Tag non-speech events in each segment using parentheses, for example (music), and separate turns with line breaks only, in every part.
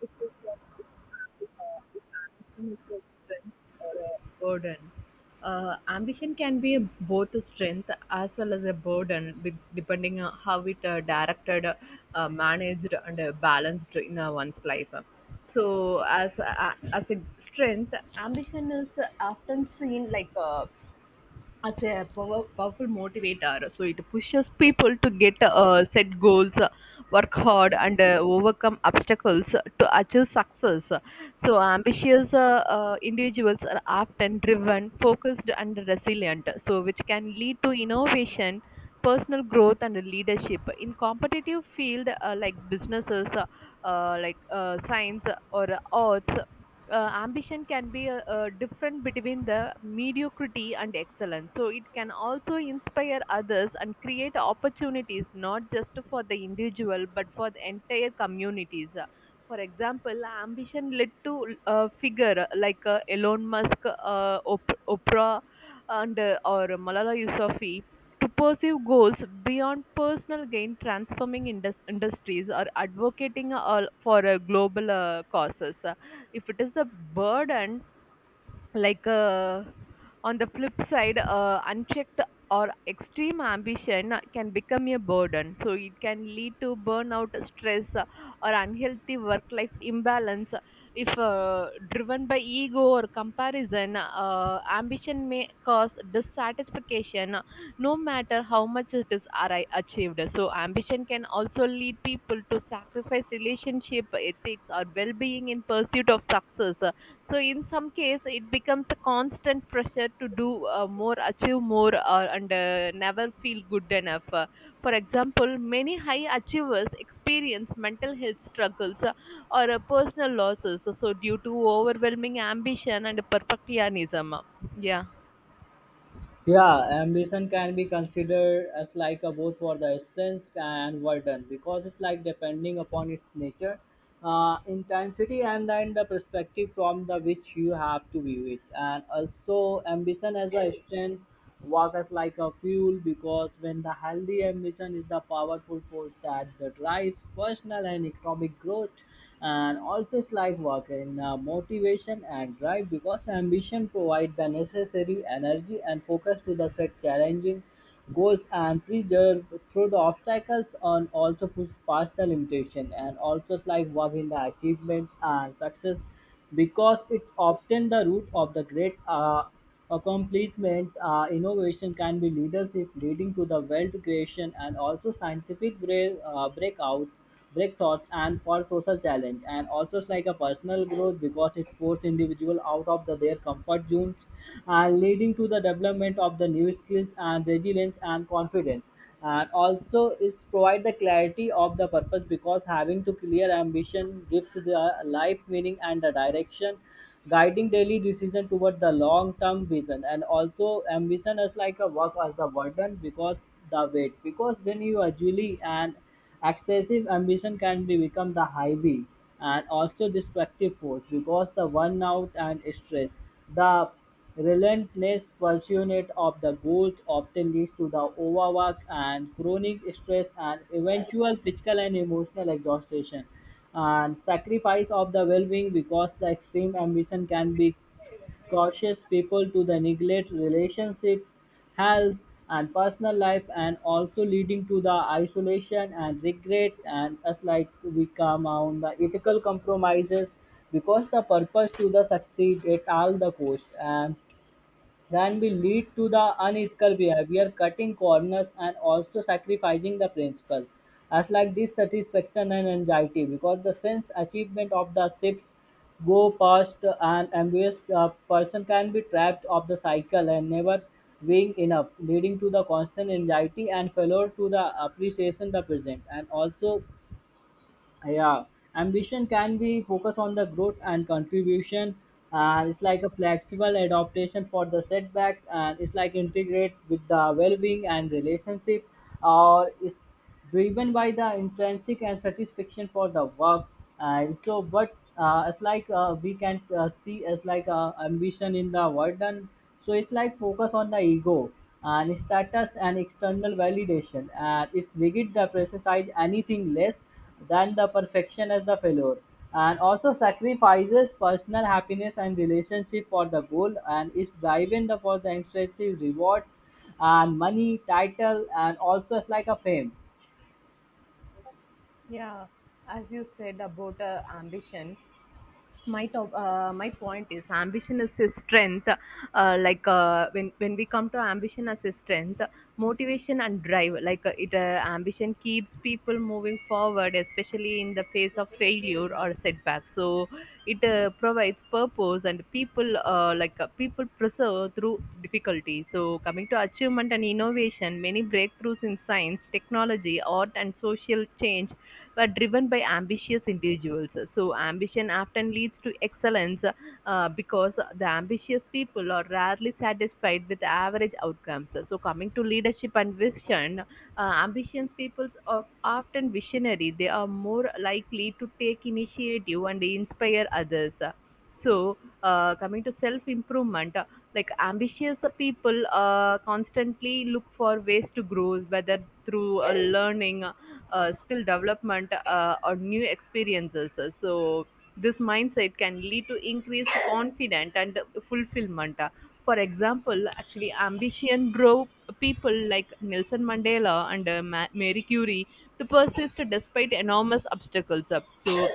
It is if ambition is a strength or a burden. Ambition can be both a strength as well as a burden, depending on how it directed, managed, and balanced in one's life. So, as a strength, ambition is often seen like a power, powerful motivator. So it pushes people to get set goals, work hard, and overcome obstacles to achieve success. So ambitious individuals are often driven, focused, and resilient. So which can lead to innovation, personal growth, and leadership in competitive field like businesses, science or arts. uh, Ambition can be a different between the mediocrity and excellence, so it can also inspire others and create opportunities not just for the individual but for the entire communities. For example, ambition led to a figure like Elon Musk, Oprah, and or Malala Yousafzai to pursue goals beyond personal gain, transforming industries or advocating for global causes. If it is a burden like uh, on the flip side, unchecked or extreme ambition can become a burden, so it can lead to burnout, stress, or unhealthy work life imbalance. If driven by ego or comparison, ambition may cause dissatisfaction, no matter how much it is achieved. So ambition can also lead people to sacrifice relationship, ethics, or well-being in pursuit of success. So in some case, it becomes a constant pressure to do more, achieve more, and never feel good enough. For example, many high achievers experience mental health struggles or personal losses, so due to overwhelming ambition and perfectionism. Yeah.
Yeah, ambition can be considered as like a both for the strength and burden because it's like depending upon its nature, intensity, and then the perspective from the which you have to view it. And also, ambition as a strength work as like a fuel because when the healthy ambition is the powerful force that drives personal and economic growth, and also it's like work in motivation and drive because ambition provides the necessary energy and focus to the set challenging goals and preserve through the obstacles, and also push past the limitation, and also like work in the achievement and success because it's often the root of the great accomplishment innovation can be leadership leading to the wealth creation, and also scientific breakouts break thoughts and for social challenge. And also it's like a personal growth because it forces individual out of the, their comfort zones and leading to the development of the new skills and resilience and confidence. And also it provide the clarity of the purpose because having to clear ambition gives the life meaning and the direction guiding daily decision toward the long-term vision. And also ambition is like a work as the burden because the weight because when you actually and excessive ambition can be become the highway and also destructive force because the burnout and stress the relentless pursuit of the goals often leads to the overwork and chronic stress and eventual physical and emotional exhaustion and sacrifice of the well-being because the extreme ambition can be cautious people to the neglect relationship health and personal life, and also leading to the isolation and regret, and as like we come on the ethical compromises because the purpose to the succeed at all the cost, and that will lead to the unethical behavior, cutting corners, and also sacrificing the principle. As like dissatisfaction and anxiety, because the sense achievement of the shifts go past and ambitious person can be trapped of the cycle and never being enough, leading to the constant anxiety and failure to the appreciation the present, and also yeah ambition can be focused on the growth and contribution, and it's like a flexible adaptation for the setbacks, and it's like integrate with the well-being and relationship, or it's driven by the intrinsic and satisfaction for the work. And so but it's like we can see as ambition in the word. And so it's like focus on the ego and status and external validation, and it's rigid the precise anything less than the perfection as the failure, and also sacrifices personal happiness and relationship for the goal, and is driven the, for the extensive rewards and money title, and also it's like a fame.
Yeah, as you said about ambition, my point is ambition is his strength. When we come to ambition as his strength, motivation and drive, like it ambition keeps people moving forward, especially in the face of failure or setback. So it provides purpose, and people preserve through difficulty. So coming to achievement and innovation, many breakthroughs in science, technology, art, and social change but driven by ambitious individuals. So, ambition often leads to excellence because the ambitious people are rarely satisfied with average outcomes. So, coming to leadership and vision, ambitious people are often visionary. They are more likely to take initiative and inspire others. So, coming to self improvement, like ambitious people constantly look for ways to grow, whether through learning, skill development, or new experiences. So, this mindset can lead to increased confidence and fulfillment. For example, actually, ambition drove people like Nelson Mandela and Mary Curie to persist despite enormous obstacles. So,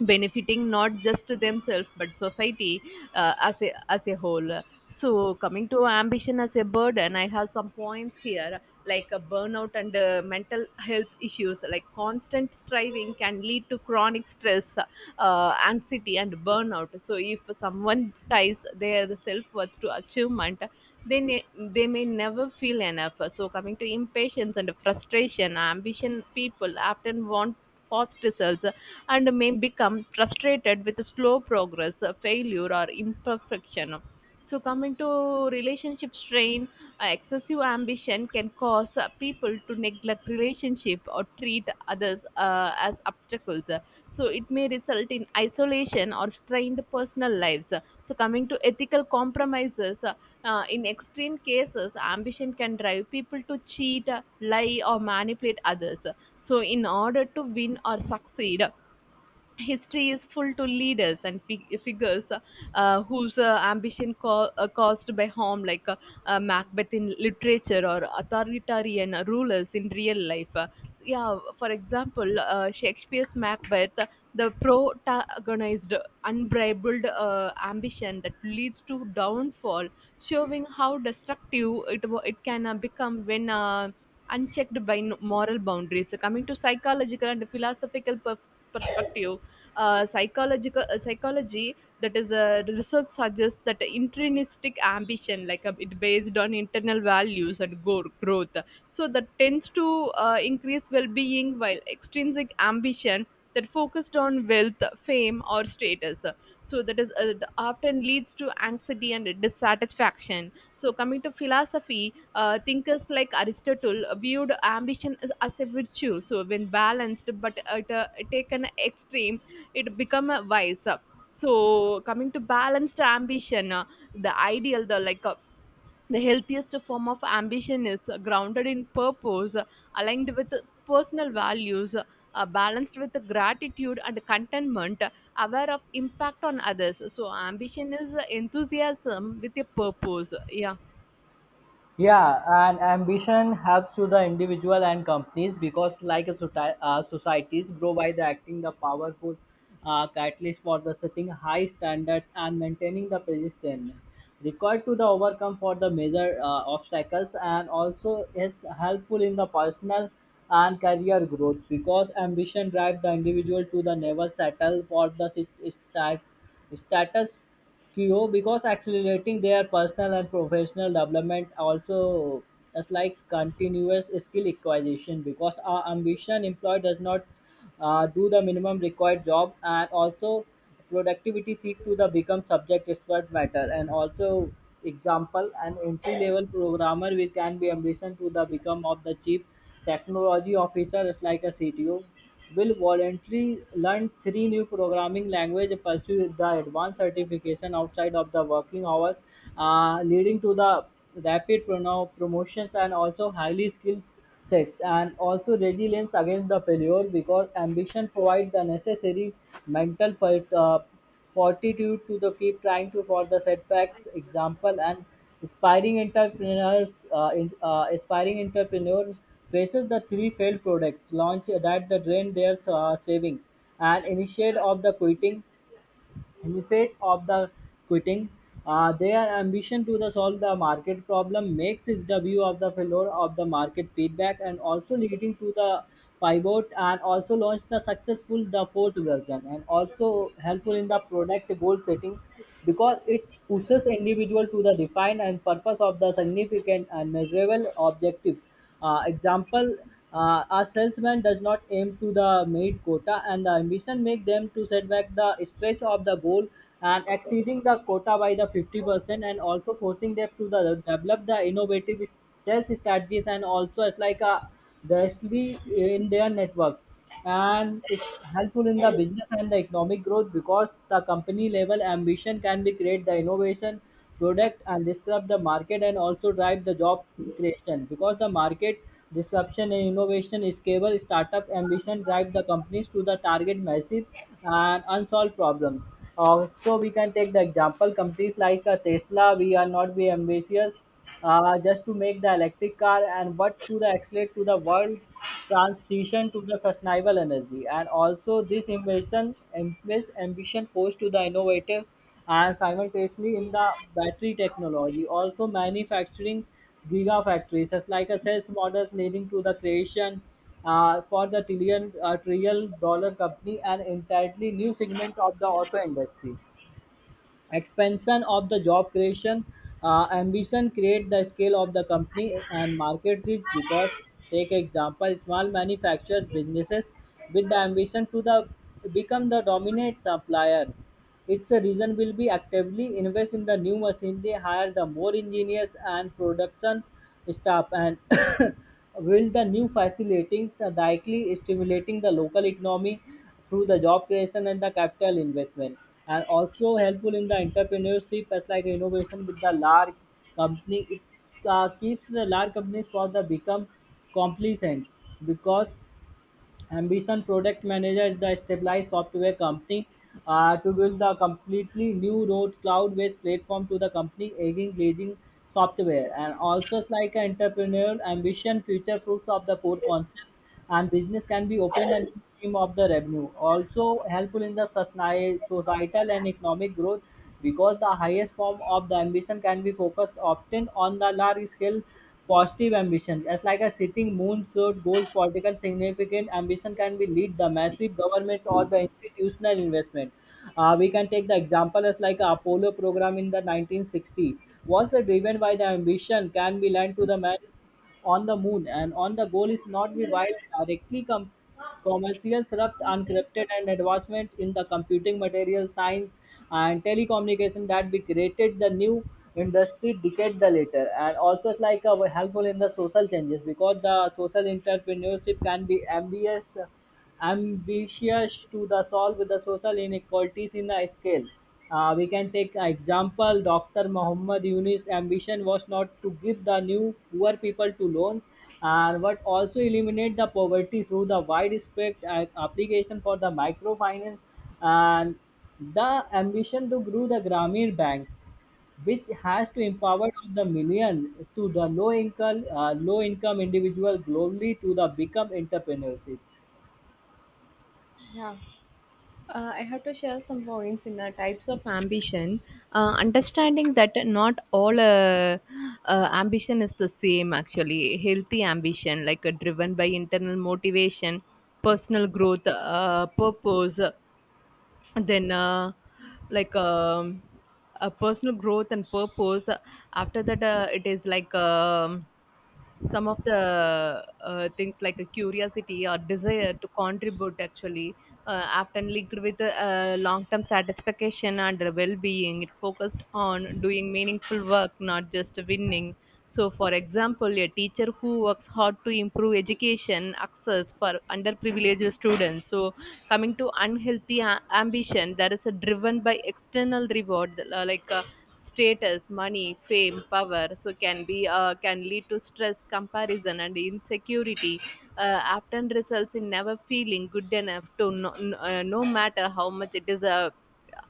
benefiting not just to themselves but society as a whole. So coming to ambition as a burden, I have some points here, like a burnout and mental health issues. Like constant striving can lead to chronic stress, anxiety, and burnout. So if someone ties their self-worth to achievement, they may never feel enough. So coming to impatience and frustration, ambition people often want fast results and may become frustrated with slow progress, failure, or imperfection. So, coming to relationship strain, excessive ambition can cause people to neglect relationship or treat others as obstacles. So, it may result in isolation or strained personal lives. So, coming to ethical compromises, in extreme cases, ambition can drive people to cheat, lie, or manipulate others. So, in order to win or succeed, history is full to leaders and figures whose ambition caused by harm, like Macbeth in literature or authoritarian rulers in real life. Yeah, for example, Shakespeare's Macbeth, the protagonized unbridled ambition that leads to downfall, showing how destructive it can become when unchecked by moral boundaries. So coming to psychological and philosophical perspective, psychological psychology, that is research suggests that intrinsic ambition, like it based on internal values and growth, so that tends to increase well-being, while extrinsic ambition that focused on wealth, fame, or status, so that is often leads to anxiety and dissatisfaction. So, coming to philosophy, thinkers like Aristotle viewed ambition as a virtue. So, when balanced but taken extreme, it become a vice. So, coming to balanced ambition, the ideal, the like the healthiest form of ambition is grounded in purpose, aligned with personal values, balanced with gratitude and contentment, aware of impact on others. So, ambition is enthusiasm with a purpose. Yeah.
Yeah, and ambition helps to the individual and companies because, like a societies grow by the acting the powerful catalyst for the setting high standards and maintaining the persistence required to the overcome for the major obstacles, and also is helpful in the personal and career growth because ambition drives the individual to the never settle for the st- status Kyo because accelerating their personal and professional development. Also is like continuous skill acquisition because our ambition employee does not do the minimum required job, and also productivity seek to the become subject expert matter. And also example, an entry level programmer will can be ambition to the become of the chief technology officer, is like a CTO, will voluntarily learn three new programming languages, pursue the advanced certification outside of the working hours, leading to the rapid promotions and also highly skilled sets. And also resilience against the failure because ambition provides the necessary mental fight. Fortitude to the keep trying to for the setbacks example, and aspiring aspiring entrepreneurs faces the three failed products launch that the drain their saving and initiate of the quitting. Instead of the quitting. Their ambition to the solve the market problem makes it the view of the failure of the market feedback, and also leading to the pivot and also launch the successful the fourth version. And also helpful in the product goal setting because it pushes individual to the define and purpose of the significant and measurable objective. Example, a salesman does not aim to the made quota, and the ambition make them to set back the stretch of the goal and exceeding the quota by the 50%, and also forcing them to the, develop the innovative sales strategies. And also it's like a directly in their network, and it's helpful in the business and the economic growth because the company level ambition can be create the innovation product and disrupt the market, and also drive the job creation because the market disruption and innovation scalable startup ambition drive the companies to the target massive and unsolved problems. So we can take the example companies like Tesla. We are not be ambitious just to make the electric car, and but to the accelerate to the world transition to the sustainable energy. And also this invention, this ambition forced to the innovative and simultaneously in the battery technology, also manufacturing gigafactories such like a sales models leading to the creation for the trillion-dollar company and entirely new segment of the auto industry. Expansion of the job creation, ambition create the scale of the company and market reach because take example small manufacturers businesses with the ambition to the become the dominant supplier, it's a reason will be actively invest in the new machinery, hire the more engineers and production staff, and (coughs) build the new facilities, directly stimulating the local economy through the job creation and the capital investment. And also helpful in the entrepreneurship as like innovation with the large company. It keeps the large companies for the become complacent because ambition product manager is the stabilized software company to build the completely new road cloud-based platform to the company aging leading software. And also it's like an entrepreneurial ambition future proofs of the core concept, and business can be open and stream of the revenue. Also helpful in the societal and economic growth because the highest form of the ambition can be focused often on the large scale positive ambition. As like a setting moon shot goals, political significant ambition can be lead the massive government or the institutional investment. We can take the example as like a Apollo program in the 1960 was the driven by the ambition can be lent to the man on the moon, and on the goal is not be while directly commercial thrust uncrypted and advancement in the computing material science and telecommunication that we created the new industry decade the later. And also it's like helpful in the social changes because the social entrepreneurship can be ambitious to the solve the social inequalities in the scale. We can take an example. Dr. Muhammad Yunus' ambition was not to give the new poor people to loan, and but also eliminate the poverty through the widespread application for the microfinance and the ambition to grow the Grameen Bank, which has to empower of the million to the low income individual globally to the become entrepreneurship.
Yeah, I have to share some points in the types of ambition. Understanding that not all ambition is the same, actually. Healthy ambition, like driven by internal motivation, personal growth, purpose, then like personal growth and purpose. After that, it is like. Some of the things like a curiosity or desire to contribute actually often linked with long-term satisfaction and well-being. It focused on doing meaningful work, not just winning. So for example, a teacher who works hard to improve education access for underprivileged students. So coming to unhealthy ambition, that is a driven by external reward, like status, money, fame, power, so can be can lead to stress, comparison, and insecurity. Often results in never feeling good enough to no matter how much it is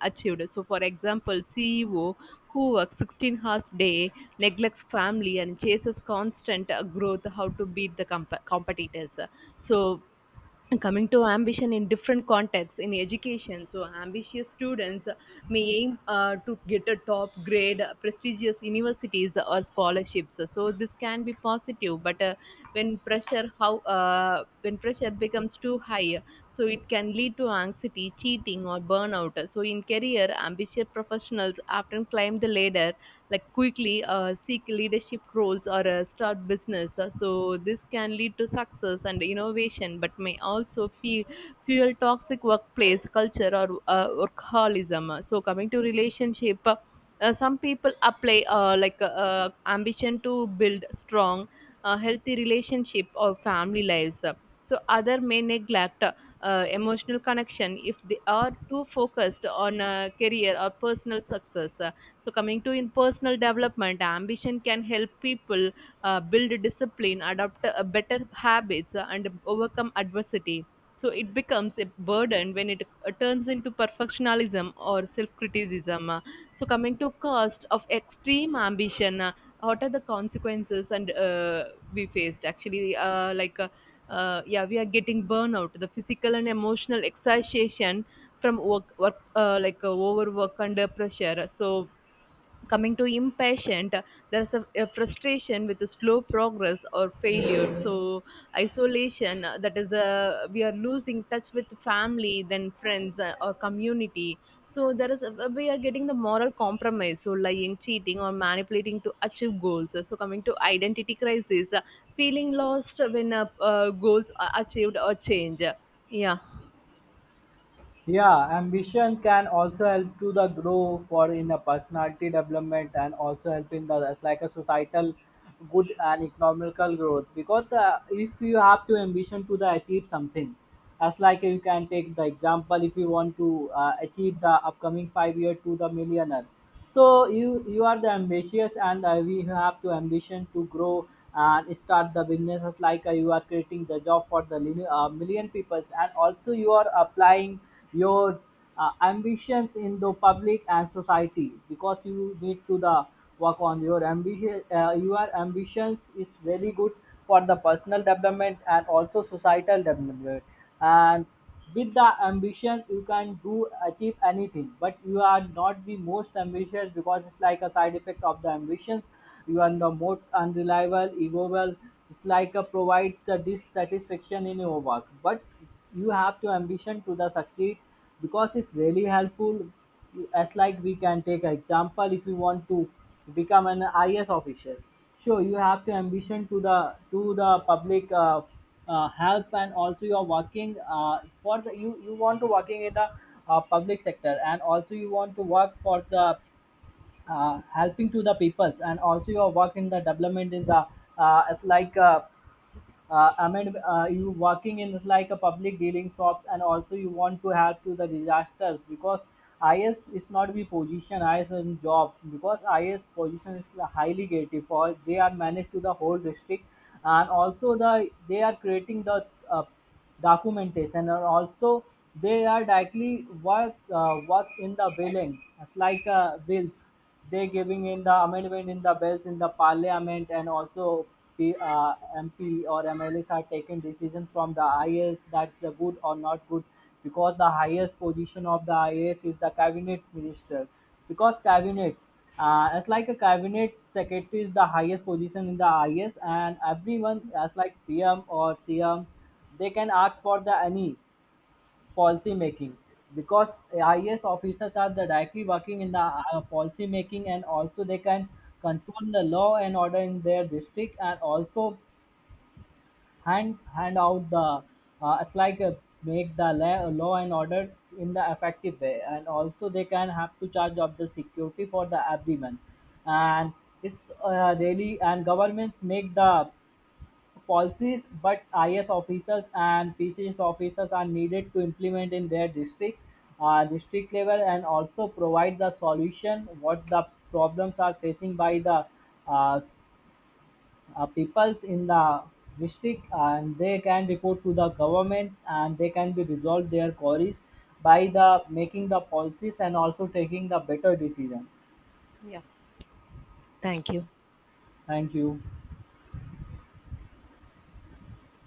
achieved. So, for example, CEO who works 16 hours day, neglects family, and chases constant growth, how to beat the competitors. So, and coming to ambition in different contexts, in education, so ambitious students may aim to get a top grade, prestigious universities or scholarships. So this can be positive, but when pressure becomes too high, so it can lead to anxiety, cheating, or burnout. So in career, ambitious professionals often climb the ladder, like quickly seek leadership roles or start business. So this can lead to success and innovation, but may also fuel toxic workplace culture or workaholism. So coming to relationship. Some people apply ambition to build strong healthy relationship or family lives, so other may neglect emotional connection if they are too focused on career or personal success. So coming to in personal development, ambition can help people build discipline, adopt better habits, and overcome adversity. So it becomes a burden when it turns into perfectionism or self-criticism. So coming to cost of extreme ambition, what are the consequences and we faced actually? Yeah, we are getting burnout, the physical and emotional exhaustion from work overwork under pressure. So coming to impatient, there's a frustration with the slow progress or failure. So isolation, that is a we are losing touch with family, then friends, or community. So there is a, we are getting the moral compromise, so lying, cheating, or manipulating to achieve goals. So coming to identity crisis, feeling lost when goals are achieved or change. Yeah.
Yeah, ambition can also help to the grow for in a personality development, and also help in the that's like a societal good and economical growth because if you have to ambition to the achieve something, as like you can take the example, if you want to achieve the upcoming 5 year to the millionaire, so you are the ambitious. And we have to ambition to grow and start the businesses. Like you are creating the job for the million people, and also you are applying your ambitions in the public and society because you need to the work on your ambition. Your ambitions is very good for the personal development and also societal development, and with the ambition you can do achieve anything. But you are not the most ambitious because it's like a side effect of the ambitions. You are the most unreliable, egoable. It's like a provides the dissatisfaction in your work. But you have to ambition to the succeed because it's really helpful. As like we can take an example, if you want to become an IS officer. Sure, you have to ambition to the public. Help, and also you are working for the you want to working in the public sector, and also you want to work for the helping to the peoples, and also you are work in the development in the it's like I mean, you working in like a public dealing shops, and also you want to help to the disasters because IS is not be position I S IS in job because IS position is highly gated for they are managed to the whole district. And also the they are creating the documentation, and also they are directly work in the billing. It's like bills they giving in the amendment in the bills in the parliament, and also the MP or MLAs are taking decision from the is, that's a good or not good, because the highest position of the is the cabinet minister. Because cabinet as like a cabinet secretary is the highest position in the is, and everyone as like PM or CM they can ask for the any policy making because IAS officers are the directly working in the policy making, and also they can control the law and order in their district. And also hand out the it's like make the law and order in the effective way, and also they can have to charge of the security for the everyone. And it's really and governments make the policies, but IS officers and PCS officers are needed to implement in their district, district level, and also provide the solution what the problems are facing by the uh, s- peoples in the district. And they can report to the government, and they can be resolved their queries by the making the policies and also taking the better decision.
Yeah. Thank you.
Thank you.